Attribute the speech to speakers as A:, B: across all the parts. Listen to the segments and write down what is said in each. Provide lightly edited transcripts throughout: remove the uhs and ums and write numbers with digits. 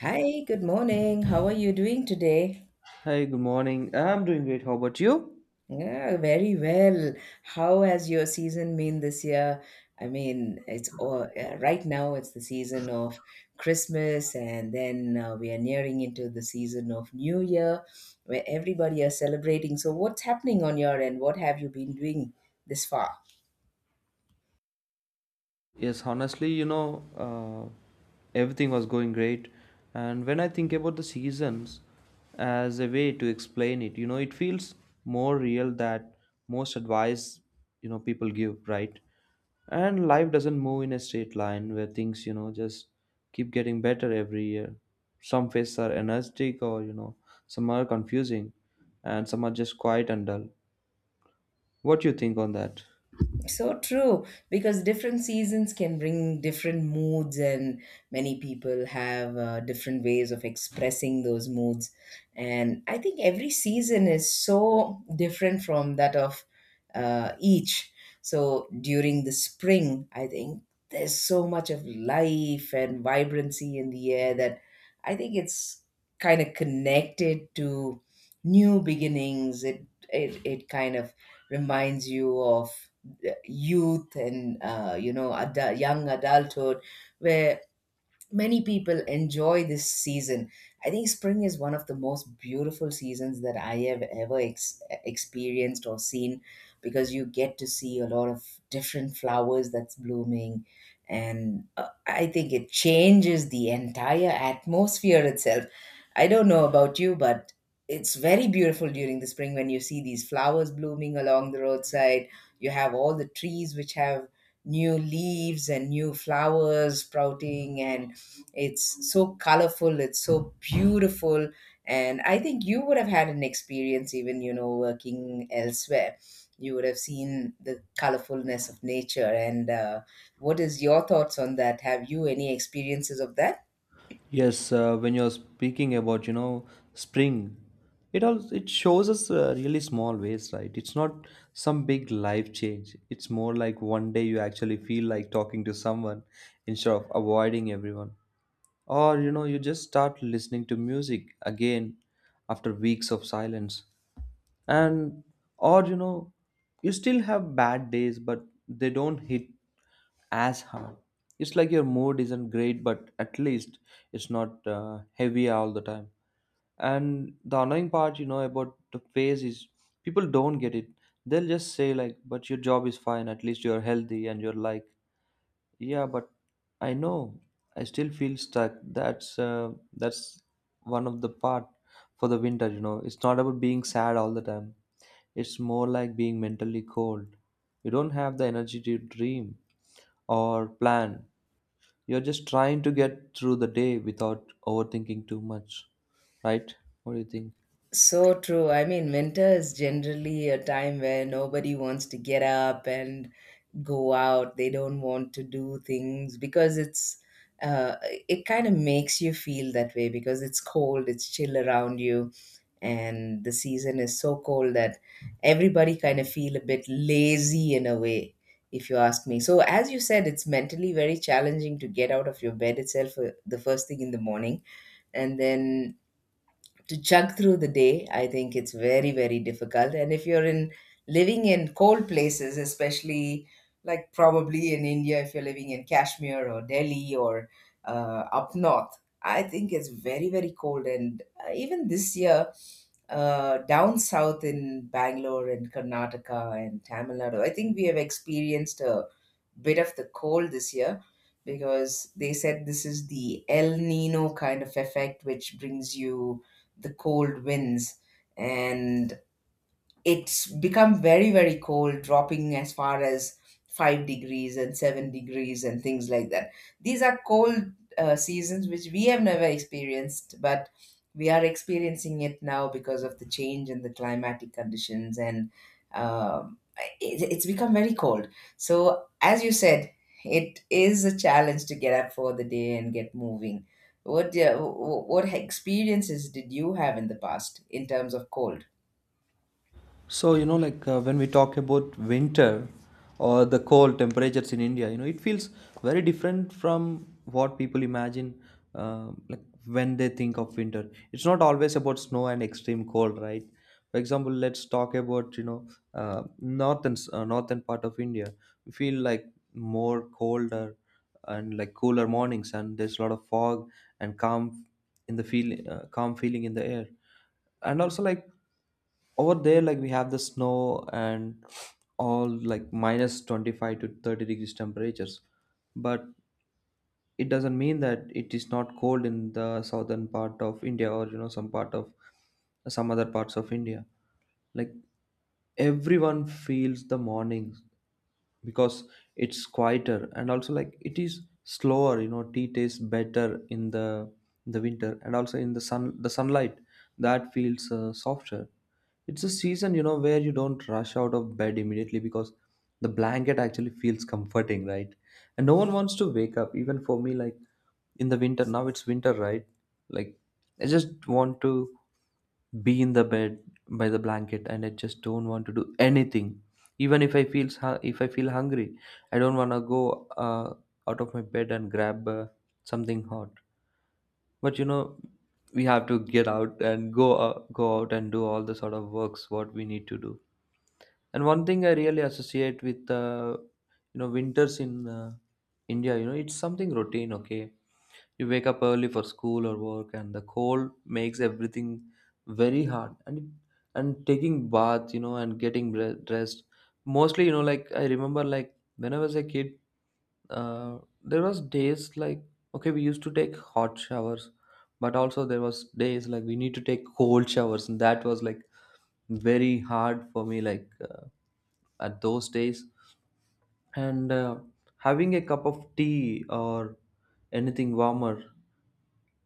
A: Hi, good morning. How are you doing today?
B: Hi, good morning. I'm doing great. How about you?
A: Yeah, very well. How has your season been this year? I mean, it's all right now it's the season of Christmas, and then we are nearing into the season of New Year where everybody are celebrating. So what's happening on your end? What have you been doing this far?
B: Yes, honestly, everything was going great. And when I think about the seasons as a way to explain it, it feels more real that most advice, people give, right? And life doesn't move in a straight line where things, just keep getting better every year. Some phases are energetic, or, some are confusing, and some are just quiet and dull. What do you think on that?
A: So true, because different seasons can bring different moods, and many people have different ways of expressing those moods. And I think every season is so different from that of each. So during the spring, I think there's so much of life and vibrancy in the air that I think it's kind of connected to new beginnings. It kind of reminds you of youth and, you know, adult, young adulthood where many people enjoy this season. I think spring is one of the most beautiful seasons that I have ever experienced or seen, because you get to see a lot of different flowers that's blooming. And I think it changes the entire atmosphere itself. I don't know about you, but it's very beautiful during the spring when you see these flowers blooming along the roadside. You have all the trees which have new leaves and new flowers sprouting, and it's so colorful, it's so beautiful. And I think you would have had an experience even, you know, working elsewhere. You would have seen the colorfulness of nature. And what is your thoughts on that? Have you any experiences of that?
B: Yes, when you're speaking about, spring, it shows us really small ways, right? It's not some big life change. It's more like one day you actually feel like talking to someone instead of avoiding everyone. Or, you just start listening to music again after weeks of silence. And, or, you still have bad days, but they don't hit as hard. It's like your mood isn't great, but at least it's not heavy all the time. And the annoying part, about the phase is people don't get it. They'll just say, like, "But your job is fine. At least you're healthy," and you're like, "Yeah, but I know I still feel stuck." That's one of the part for the winter. It's not about being sad all the time. It's more like being mentally cold. You don't have the energy to dream or plan. You're just trying to get through the day without overthinking too much, right? What do you think?
A: So true. I mean, winter is generally a time where nobody wants to get up and go out. They don't want to do things because uh, it kind of makes you feel that way because it's cold, it's chill around you, and the season is so cold that everybody kind of feel a bit lazy in a way, if you ask me. So, as you said, it's mentally very challenging to get out of your bed itself the first thing in the morning, and then to chug through the day. I think it's very, very difficult, and if you're in living in cold places, especially like probably in India, if you're living in Kashmir or Delhi or up north, I think it's very, very cold. And even this year down south in Bangalore and Karnataka and Tamil Nadu, I think we have experienced a bit of the cold this year, because they said this is the El Nino kind of effect, which brings you the cold winds, and it's become very, very cold, dropping as far as 5 degrees and 7 degrees and things like that. These are cold seasons which we have never experienced, but we are experiencing it now because of the change in the climatic conditions. And um, it's become very cold. So as you said, it is a challenge to get up for the day and get moving. What what experiences did you have in the past in terms of cold?
B: So, when we talk about winter or the cold temperatures in India, it feels very different from what people imagine, like when they think of winter. It's not always about snow and extreme cold, right? For example, let's talk about, northern part of India. We feel like more colder and like cooler mornings, and there's a lot of fog, and calm feeling in the air. And also, like, over there, like, we have the snow and all, like, minus 25 to 30 degrees temperatures. But it doesn't mean that it is not cold in the southern part of India, or some part of some other parts of India. Like, everyone feels the mornings because it's quieter, and also, like, it is slower. Tea tastes better in the winter, and also in the sunlight that feels softer. It's a season, where you don't rush out of bed immediately because the blanket actually feels comforting, right? And no one wants to wake up. Even for me, like, in the winter, now it's winter, right? Like, I just want to be in the bed by the blanket, and I just don't want to do anything. Even if I feel hungry, I don't want to go uh, out of my bed and grab something hot. But we have to get out and go out and do all the sort of works what we need to do. And one thing I really associate with, winters in India, it's something routine, okay? You wake up early for school or work, and the cold makes everything very hard. And taking bath, and getting dressed, mostly, like I remember, like when I was a kid, there was days like, okay, we used to take hot showers, but also there was days like we need to take cold showers, and that was like very hard for me, like, at those days. And having a cup of tea or anything warmer,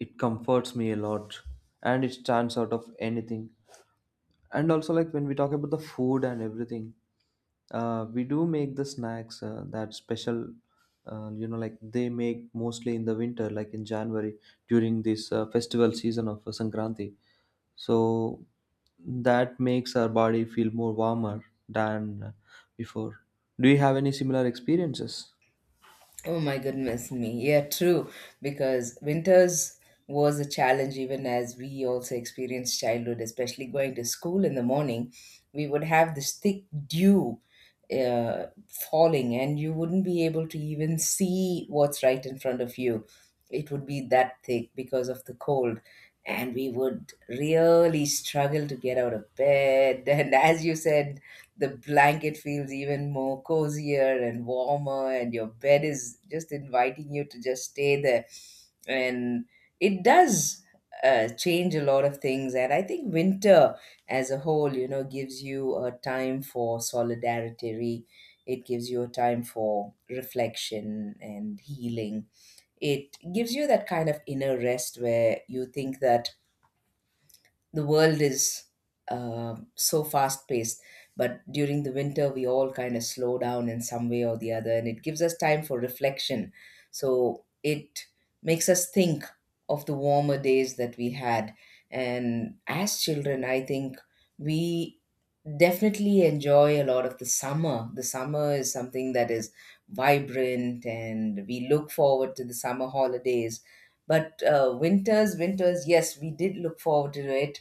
B: it comforts me a lot, and it stands out of anything. And also, like, when we talk about the food and everything, we do make the snacks, that special, like they make mostly in the winter, like in January during this festival season of Sankranti. So that makes our body feel more warmer than before. Do you have any similar experiences?
A: Oh my goodness me. Yeah, true. Because winters was a challenge, even as we also experienced childhood, especially going to school in the morning. We would have this thick dew uh, falling, and you wouldn't be able to even see what's right in front of you. It would be that thick because of the cold. And we would really struggle to get out of bed. And as you said, the blanket feels even more cozier and warmer, and your bed is just inviting you to just stay there, and it does change a lot of things. And I think winter as a whole, you know, gives you a time for solidarity, it gives you a time for reflection and healing, it gives you that kind of inner rest where you think that the world is, so fast paced, but during the winter we all kind of slow down in some way or the other, and it gives us time for reflection. So it makes us think of the warmer days that we had. And as children, I think we definitely enjoy a lot of the summer. The summer is something that is vibrant, and we look forward to the summer holidays. But winters, yes, we did look forward to it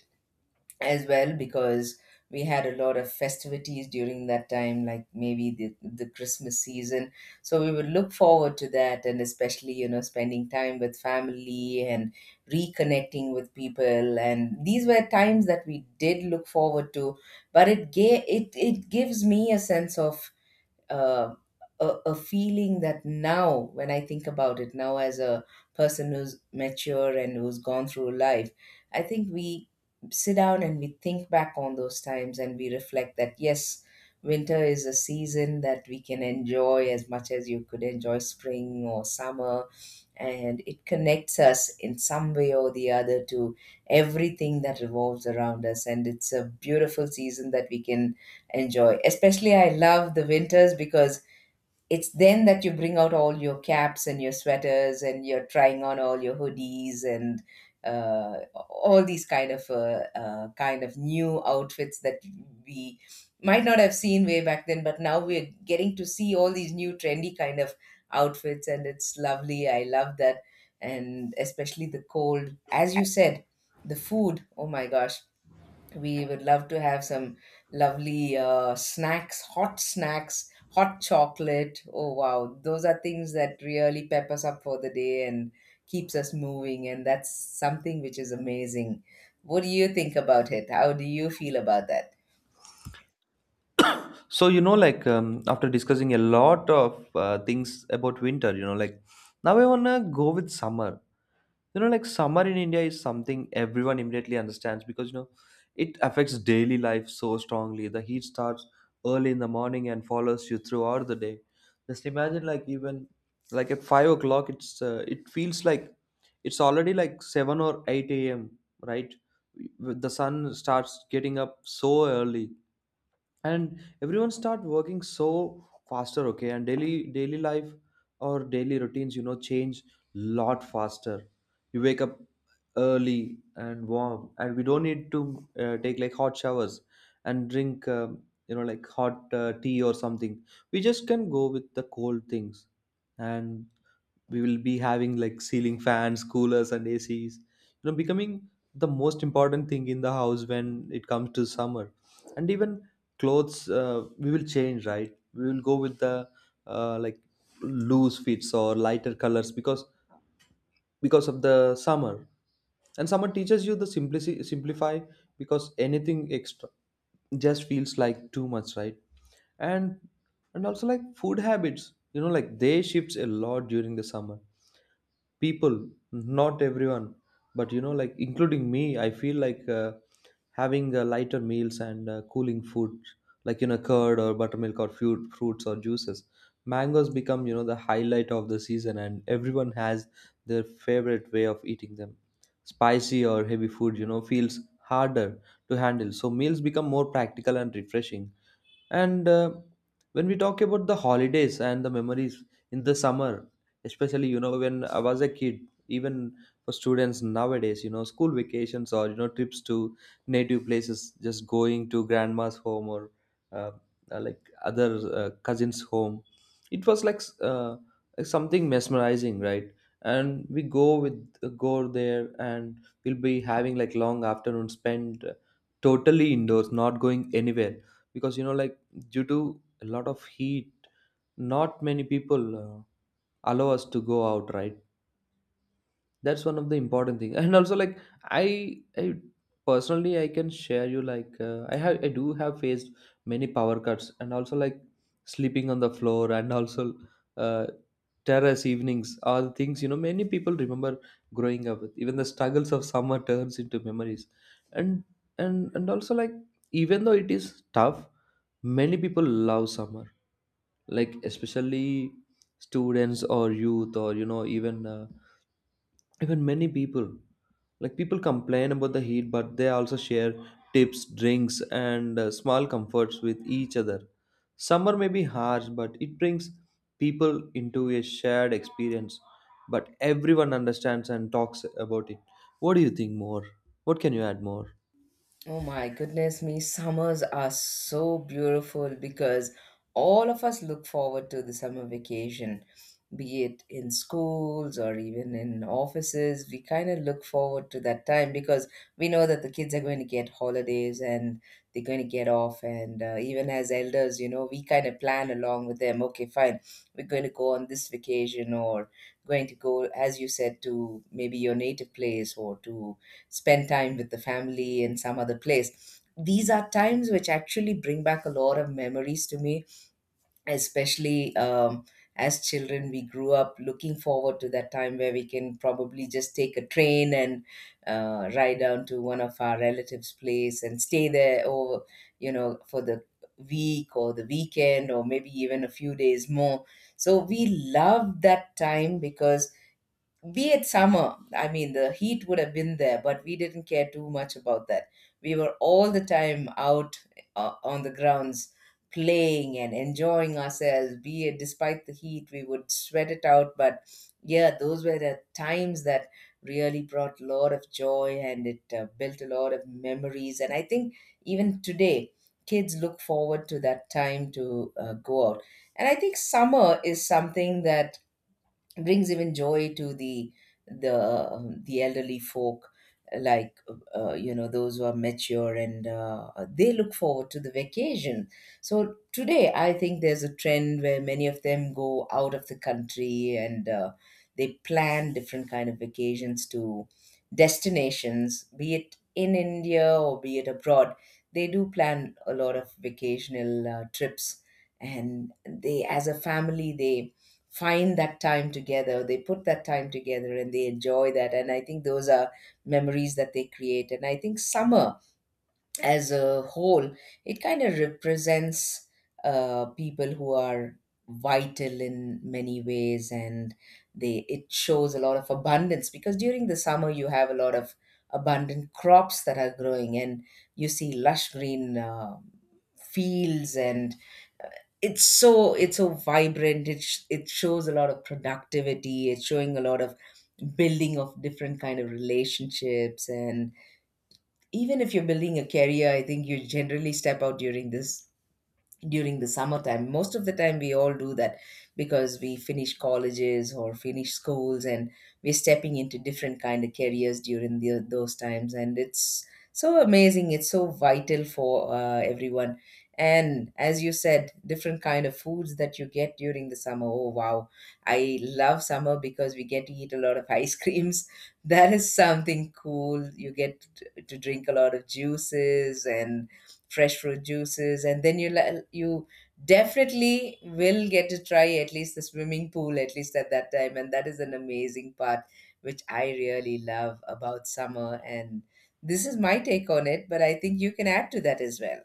A: as well, because we had a lot of festivities during that time, like maybe the Christmas season. So we would look forward to that, and especially, you know, spending time with family and reconnecting with people. And these were times that we did look forward to. But it gives me a sense of uh, a feeling that now, when I think about it, now as a person who's mature and who's gone through life, I think we sit down and we think back on those times, and we reflect that yes, winter is a season that we can enjoy as much as you could enjoy spring or summer. And it connects us in some way or the other to everything that revolves around us, and it's a beautiful season that we can enjoy. Especially I love the winters, because it's then that you bring out all your caps and your sweaters, and you're trying on all your hoodies. And all these kind of new outfits that we might not have seen way back then, but now we're getting to see all these new trendy kind of outfits, and it's lovely. I love that. And especially the cold, as you said, the food, oh my gosh, we would love to have some lovely snacks, hot chocolate. Oh wow, those are things that really pep us up for the day and keeps us moving, and that's something which is amazing. What do you think about it? How do you feel about that?
B: So, after discussing a lot of things about winter, now I want to go with summer. Summer in India is something everyone immediately understands, because it affects daily life so strongly. The heat starts early in the morning and follows you throughout the day. Just imagine, like, even like at 5 o'clock, it feels like it's already like 7 or 8 a.m., right? The sun starts getting up so early, and everyone start working so faster, okay? And daily life, or daily routines, change lot faster. You wake up early and warm, and we don't need to take like hot showers and drink hot tea or something. We just can go with the cold things. And we will be having like ceiling fans, coolers, and ACs, becoming the most important thing in the house when it comes to summer. And even clothes, we will change, right? We will go with the like loose fits or lighter colors, because of the summer. And summer teaches you the simplicity, simplify, because anything extra just feels like too much, right? And and also, like, food habits, they shifts a lot during the summer. People, not everyone, but including me, I feel like, having lighter meals and cooling food, like, curd or buttermilk or fruits or juices. Mangoes become, the highlight of the season, and everyone has their favorite way of eating them. Spicy or heavy food, feels harder to handle, so meals become more practical and refreshing. And when we talk about the holidays and the memories in the summer, especially, when I was a kid, even for students nowadays, school vacations, or trips to native places, just going to grandma's home, or uh, like other, cousins home. It was like, uh, like something mesmerizing, right? And we go there, and we'll be having like long afternoon spent, totally indoors, not going anywhere, because, due to a lot of heat, not many people allow us to go out, right? That's one of the important thing. And also, like, i I personally, I can share you, like, I do have faced many power cuts, and also like sleeping on the floor, and also uh, terrace evenings are the things, many people remember growing up with. Even the struggles of summer turns into memories. And and and also, like, even though it is tough, many people love summer, like especially students or youth, or even many people, like, people complain about the heat, but they also share tips, drinks, and small comforts with each other. Summer may be harsh, but it brings people into a shared experience. But everyone understands and talks about it. What do you think more? What can you add more?
A: Oh my goodness me, summers are so beautiful because all of us look forward to the summer vacation, be it in schools or even in offices. We kind of look forward to that time because we know that the kids are going to get holidays and they're going to get off. And even as elders, you know, we kind of plan along with them: okay, fine, we're going to go on this vacation, or going to go, as you said, to maybe your native place or to spend time with the family in some other place. These are times which actually bring back a lot of memories to me, especially, as children. We grew up looking forward to that time where we can probably just take a train and ride down to one of our relatives' place and stay there over, you know, for the week or the weekend or maybe even a few days more. So we love that time, because be it summer, I mean, the heat would have been there, but we didn't care too much about that. We were all the time out on the grounds playing and enjoying ourselves, be it despite the heat, we would sweat it out. But yeah, those were the times that really brought a lot of joy, and it built a lot of memories. And I think even today, kids look forward to that time to go out. And I think summer is something that brings even joy to the elderly folk, like, you know, those who are mature. And they look forward to the vacation. So today, I think there's a trend where many of them go out of the country, and they plan different kind of vacations to destinations, be it in India or be it abroad. They do plan a lot of vacational trips, and they as a family, they find that time together, they put that time together and they enjoy that. And I think those are memories that they create. And I think summer as a whole, it kind of represents people who are vital in many ways. And they it shows a lot of abundance, because during the summer you have a lot of abundant crops that are growing, and you see lush green fields. And it's so, it's so vibrant, it shows a lot of productivity, it's showing a lot of building of different kind of relationships. And even if you're building a career, I think you generally step out during this during the summertime. Most of the time, we all do that, because we finish colleges or finish schools, and we're stepping into different kind of careers during those times. And it's so amazing. It's so vital for everyone. And as you said, different kind of foods that you get during the summer. Oh wow, I love summer because we get to eat a lot of ice creams. That is something cool. You get to drink a lot of juices and fresh fruit juices, and then you definitely will get to try at least the swimming pool at least at that time, and that is an amazing part which I really love about summer. And this is my take on it, but I think you can add to that as well.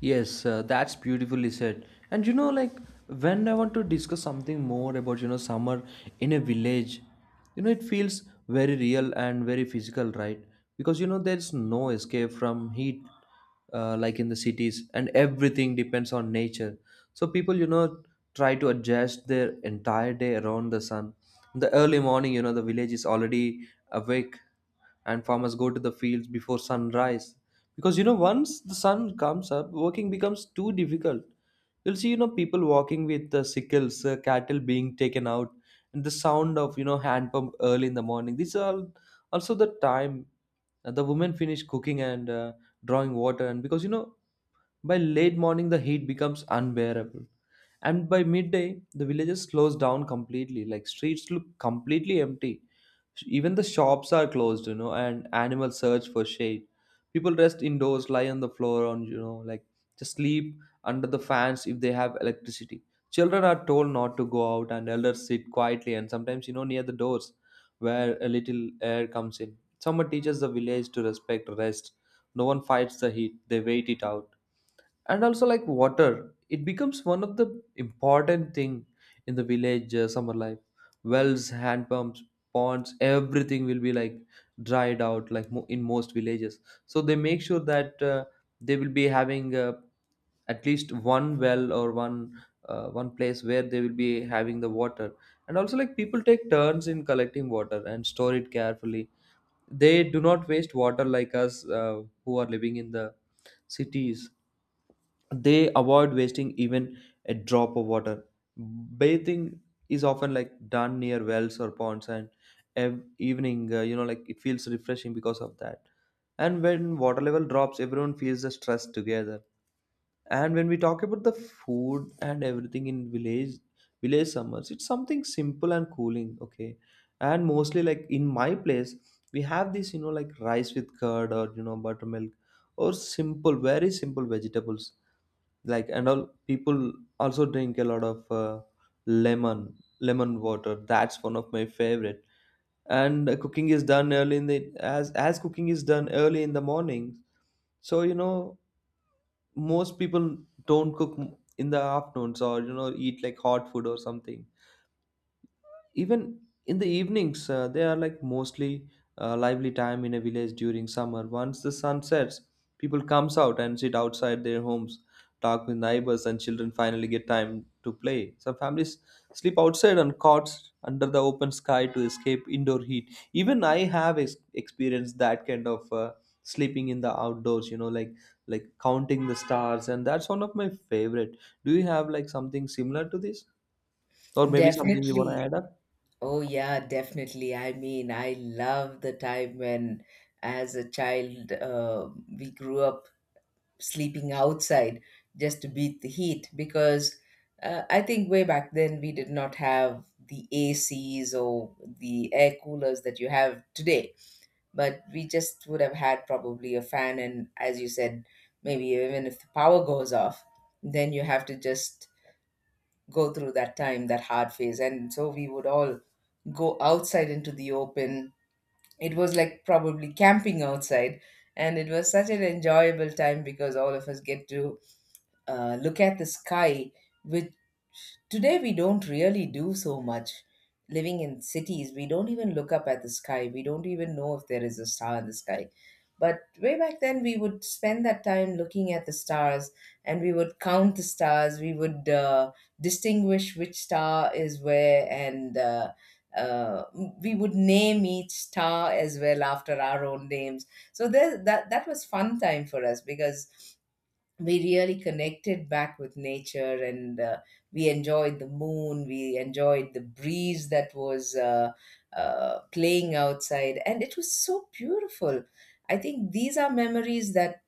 B: Yes, that's beautifully said. And, when I want to discuss something more about, summer in a village, it feels very real and very physical, right? Because, there's no escape from heat, like in the cities, and everything depends on nature. So people, try to adjust their entire day around the sun. In the early morning, you know, the village is already awake and farmers go to the fields before sunrise because, you know, once the sun comes up, working becomes too difficult. You'll see, you know, people walking with sickles, cattle being taken out, and the sound of, you know, hand pump early in the morning. Also the time the women finish cooking and drawing water, and because, you know, by late morning the heat becomes unbearable. And by midday, the villages close down completely, like streets look completely empty. Even the shops are closed, you know, and animals search for shade. People rest indoors, lie on the floor, on, you know, like, just sleep under the fans if they have electricity. Children are told not to go out, and elders sit quietly and sometimes, you know, near the doors where a little air comes in. Summer teaches the village to respect rest. No one fights the heat, they wait it out. And also, like, water, it becomes one of the important thing in the village summer life. Wells, hand pumps, ponds, everything will be like dried out, like in most villages. So they make sure that they will be having at least one well or one one place where they will be having the water. And also, like, people take turns in collecting water and store it carefully. They do not waste water like us, who are living in the cities. They avoid wasting even a drop of water. Bathing is often like done near wells or ponds, and evening, you know, like, it feels refreshing because of that. And when water level drops, everyone feels the stress together. And when we talk about the food and everything in village, village summers, it's something simple and cooling, okay. And mostly, like, in my place, we have this, you know, like rice with curd or, you know, buttermilk or simple, very simple vegetables like. And all people also drink a lot of lemon, lemon water. That's one of my favorite. And cooking is done early in the morning, so, you know, most people don't cook in the afternoons or, you know, eat like hot food or something. Even in the evenings, they are like mostly lively time in a village during summer. Once the sun sets, people comes out and sit outside their homes, talk with neighbors, and children finally get time to play. Some families sleep outside on cots under the open sky to escape indoor heat. Even I have experienced that kind of sleeping in the outdoors, you know, like counting the stars, and that's one of my favorite. Do you have like something similar to this, or maybe something you want to
A: Definitely.
B: add up?
A: Oh, yeah, definitely. I mean, I love the time when, as a child, we grew up sleeping outside just to beat the heat because I think way back then we did not have the ACs or the air coolers that you have today. But we just would have had probably a fan, and as you said, maybe even if the power goes off, then you have to just go through that time, that hard phase. And so we would all go outside into the open. It was like probably camping outside. And it was such an enjoyable time because all of us get to look at the sky, which today we don't really do so much. Living in cities, we don't even look up at the sky. We don't even know if there is a star in the sky. But way back then, we would spend that time looking at the stars and we would count the stars. We would distinguish which star is where, and uh, we would name each star as well after our own names. So there, that was fun time for us because we really connected back with nature, and we enjoyed the moon. We enjoyed the breeze that was playing outside, and it was so beautiful. I think these are memories that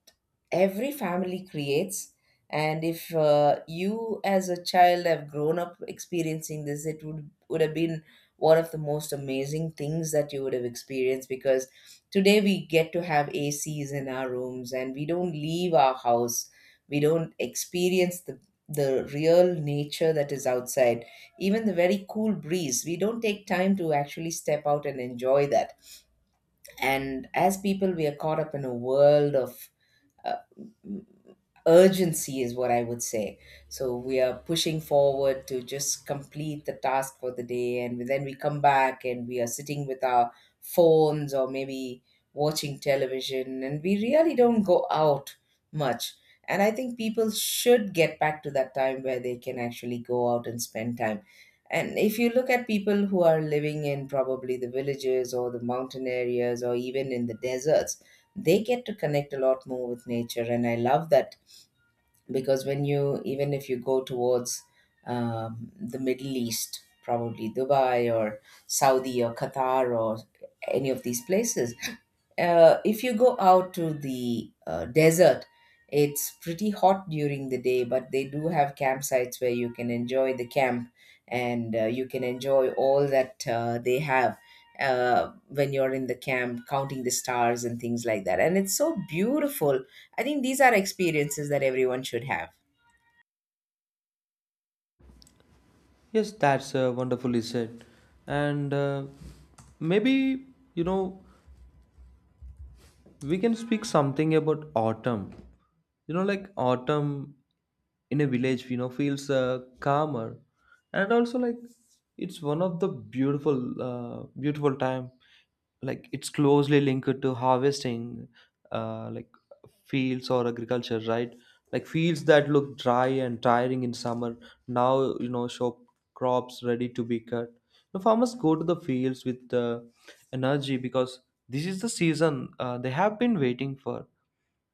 A: every family creates, and if you as a child have grown up experiencing this, it would have been one of the most amazing things that you would have experienced, because today we get to have ACs in our rooms and we don't leave our house. We don't experience the real nature that is outside. Even the very cool breeze, we don't take time to actually step out and enjoy that. And as people, we are caught up in a world of uh, urgency is what I would say. So we are pushing forward to just complete the task for the day, and then we come back and we are sitting with our phones or maybe watching television, and we really don't go out much. And I think people should get back to that time where they can actually go out and spend time. And if you look at people who are living in probably the villages or the mountain areas or even in the deserts, they get to connect a lot more with nature, and I love that. Because when you, even if you go towards the Middle East, probably Dubai or Saudi or Qatar or any of these places, if you go out to the desert, it's pretty hot during the day, but they do have campsites where you can enjoy the camp. And you can enjoy all that they have. When you're in the camp counting the stars and things like that, and it's so beautiful. I think these are experiences that everyone should have.
B: Yes, that's wonderfully said. And maybe, you know, we can speak something about autumn. You know, like, autumn in a village, you know, feels calmer. And also, like, it's one of the beautiful, beautiful time. Like, it's closely linked to harvesting, like fields or agriculture, right? Like fields that look dry and tiring in summer now, you know, show crops ready to be cut. The farmers go to the fields with energy because this is the season they have been waiting for.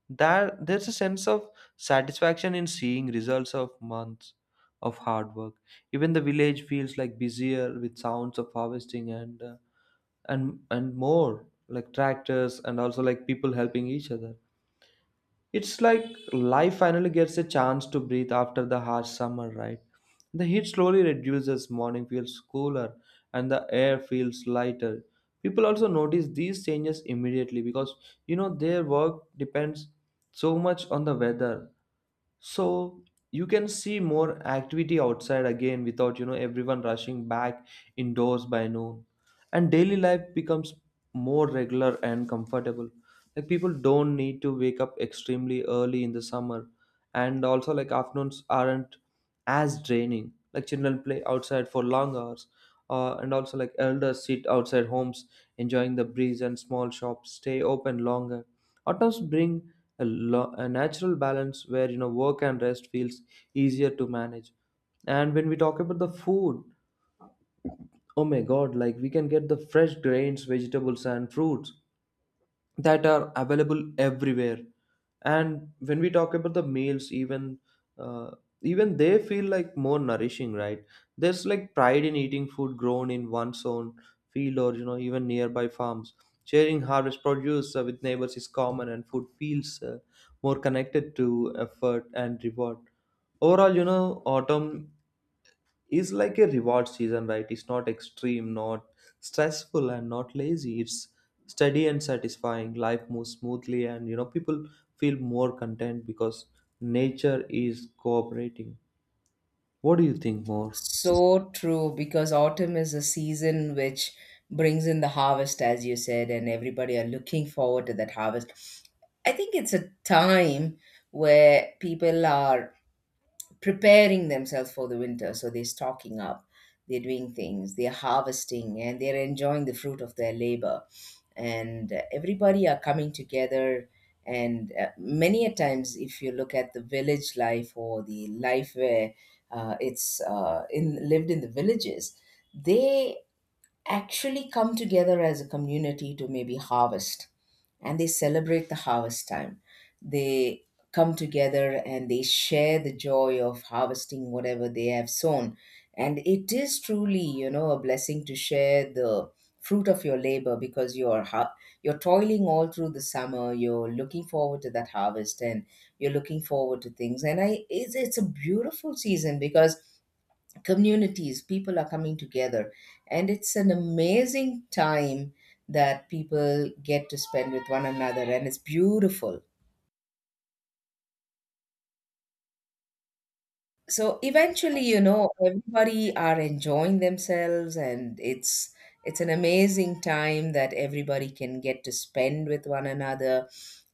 B: There's a sense of satisfaction in seeing results of months of hard work. Even the village feels like busier with sounds of harvesting and, and more, like, tractors, and also, like, people helping each other. It's like life finally gets a chance to breathe after the harsh summer, right? The heat slowly reduces, morning feels cooler, and the air feels lighter. People also notice these changes immediately because, you know, their work depends so much on the weather. So you can see more activity outside again without, you know, everyone rushing back indoors by noon. And daily life becomes more regular and comfortable, like people don't need to wake up extremely early in the summer. And also, like, afternoons aren't as draining, like children play outside for long hours. And also, like, elders sit outside homes enjoying the breeze, and small shops stay open longer. Autumns bring a natural balance where, you know, work and rest feels easier to manage. And when we talk about the food, oh my god, like, we can get the fresh grains, vegetables, and fruits that are available everywhere. And when we talk about the meals, even uh, even they feel like more nourishing, right? There's like pride in eating food grown in one's own field or, you know, even nearby farms. Sharing harvest produce with neighbors is common, and food feels more connected to effort and reward. Overall, you know, autumn is like a reward season, right? It's not extreme, not stressful, and not lazy. It's steady and satisfying. Life moves smoothly, and, you know, people feel more content because nature is cooperating. What do you think more?
A: So true, because autumn is a season which brings in the harvest, as you said, and everybody are looking forward to that harvest. I think it's a time where people are preparing themselves for the winter. So they're stocking up, they're doing things, they're harvesting, and they're enjoying the fruit of their labor. And everybody are coming together, and many a times, if you look at the village life or the life where it's in lived in the villages, they actually come together as a community to maybe harvest, and they celebrate the harvest time. They come together and they share the joy of harvesting whatever they have sown. And it is truly, you know, a blessing to share the fruit of your labor, because you're toiling all through the summer. You're looking forward to that harvest, and you're looking forward to things. And I, it's a beautiful season because communities, people are coming together, and it's an amazing time that people get to spend with one another, and it's beautiful. So eventually, you know, everybody are enjoying themselves, and it's an amazing time that everybody can get to spend with one another.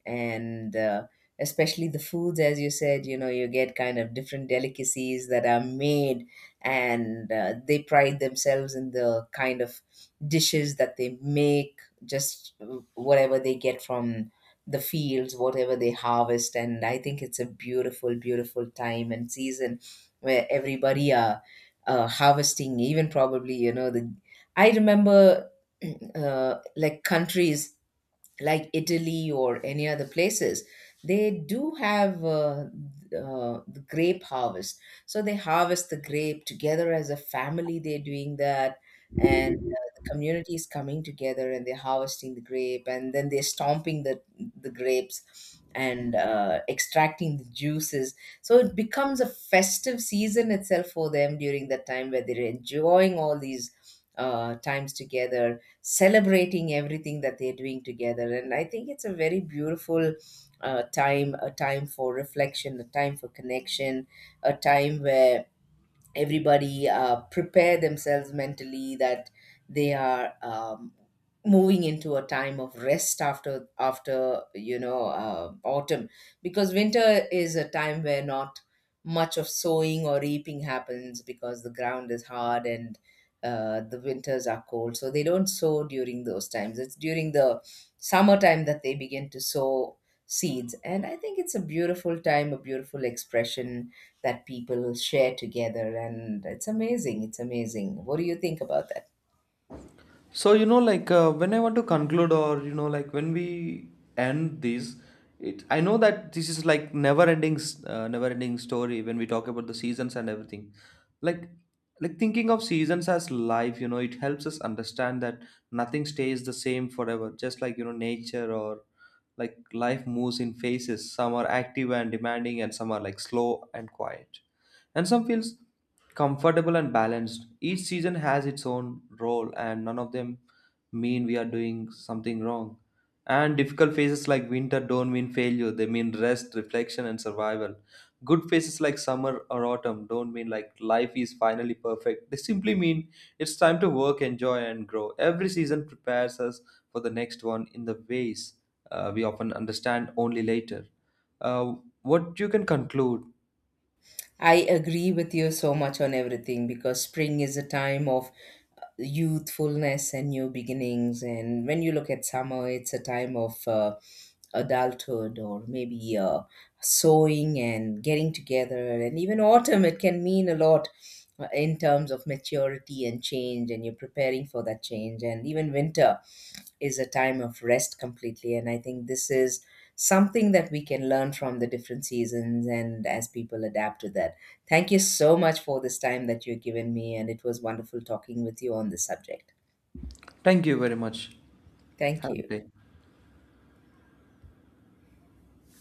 A: And especially the foods, as you said, you know, you get kind of different delicacies that are made. And they pride themselves in the kind of dishes that they make, just whatever they get from the fields, whatever they harvest. And I think it's a beautiful, beautiful time and season where everybody are harvesting. Even probably, you know, the I remember like countries like Italy or any other places, they do have the grape harvest. So they harvest the grape together as a family, they're doing that. And the community is coming together and they're harvesting the grape, and then they're stomping the grapes, and extracting the juices. So it becomes a festive season itself for them during that time where they're enjoying all these times together, celebrating everything that they're doing together. And I think it's a very beautiful time, a time for reflection, a time for connection, a time where everybody prepare themselves mentally that they are moving into a time of rest after after you know autumn, because winter is a time where not much of sowing or reaping happens because the ground is hard, and the winters are cold, so they don't sow during those times. It's during the summertime that they begin to sow seeds. And I think it's a beautiful time, a beautiful expression that people share together, and it's amazing, it's amazing. What do you think about that?
B: So, you know, like, when I want to conclude, or, you know, like, when we end this, it, I know that this is like never-ending, never-ending story when we talk about the seasons and everything. Like, like thinking of seasons as life, you know, it helps us understand that nothing stays the same forever. Just like, you know, nature or like life moves in phases. Some are active and demanding, and some are like slow and quiet, and some feels comfortable and balanced. Each season has its own role, and none of them mean we are doing something wrong. And difficult phases like winter don't mean failure, they mean rest, reflection, and survival. Good phases like summer or autumn don't mean like life is finally perfect. They simply mean it's time to work, enjoy, and grow. Every season prepares us for the next one in the ways we often understand only later. Uh, what you can conclude.
A: I agree with you so much on everything, because spring is a time of youthfulness and new beginnings. And when you look at summer, it's a time of adulthood, or maybe sewing and getting together. And even autumn, it can mean a lot in terms of maturity and change, and you're preparing for that change. And even winter is a time of rest completely. And I think this is something that we can learn from the different seasons, and as people adapt to that. Thank you so much for this time that you've given me. And it was wonderful talking with you on this subject.
B: Thank you very much.
A: Thank
B: Have a good
A: you.
B: day.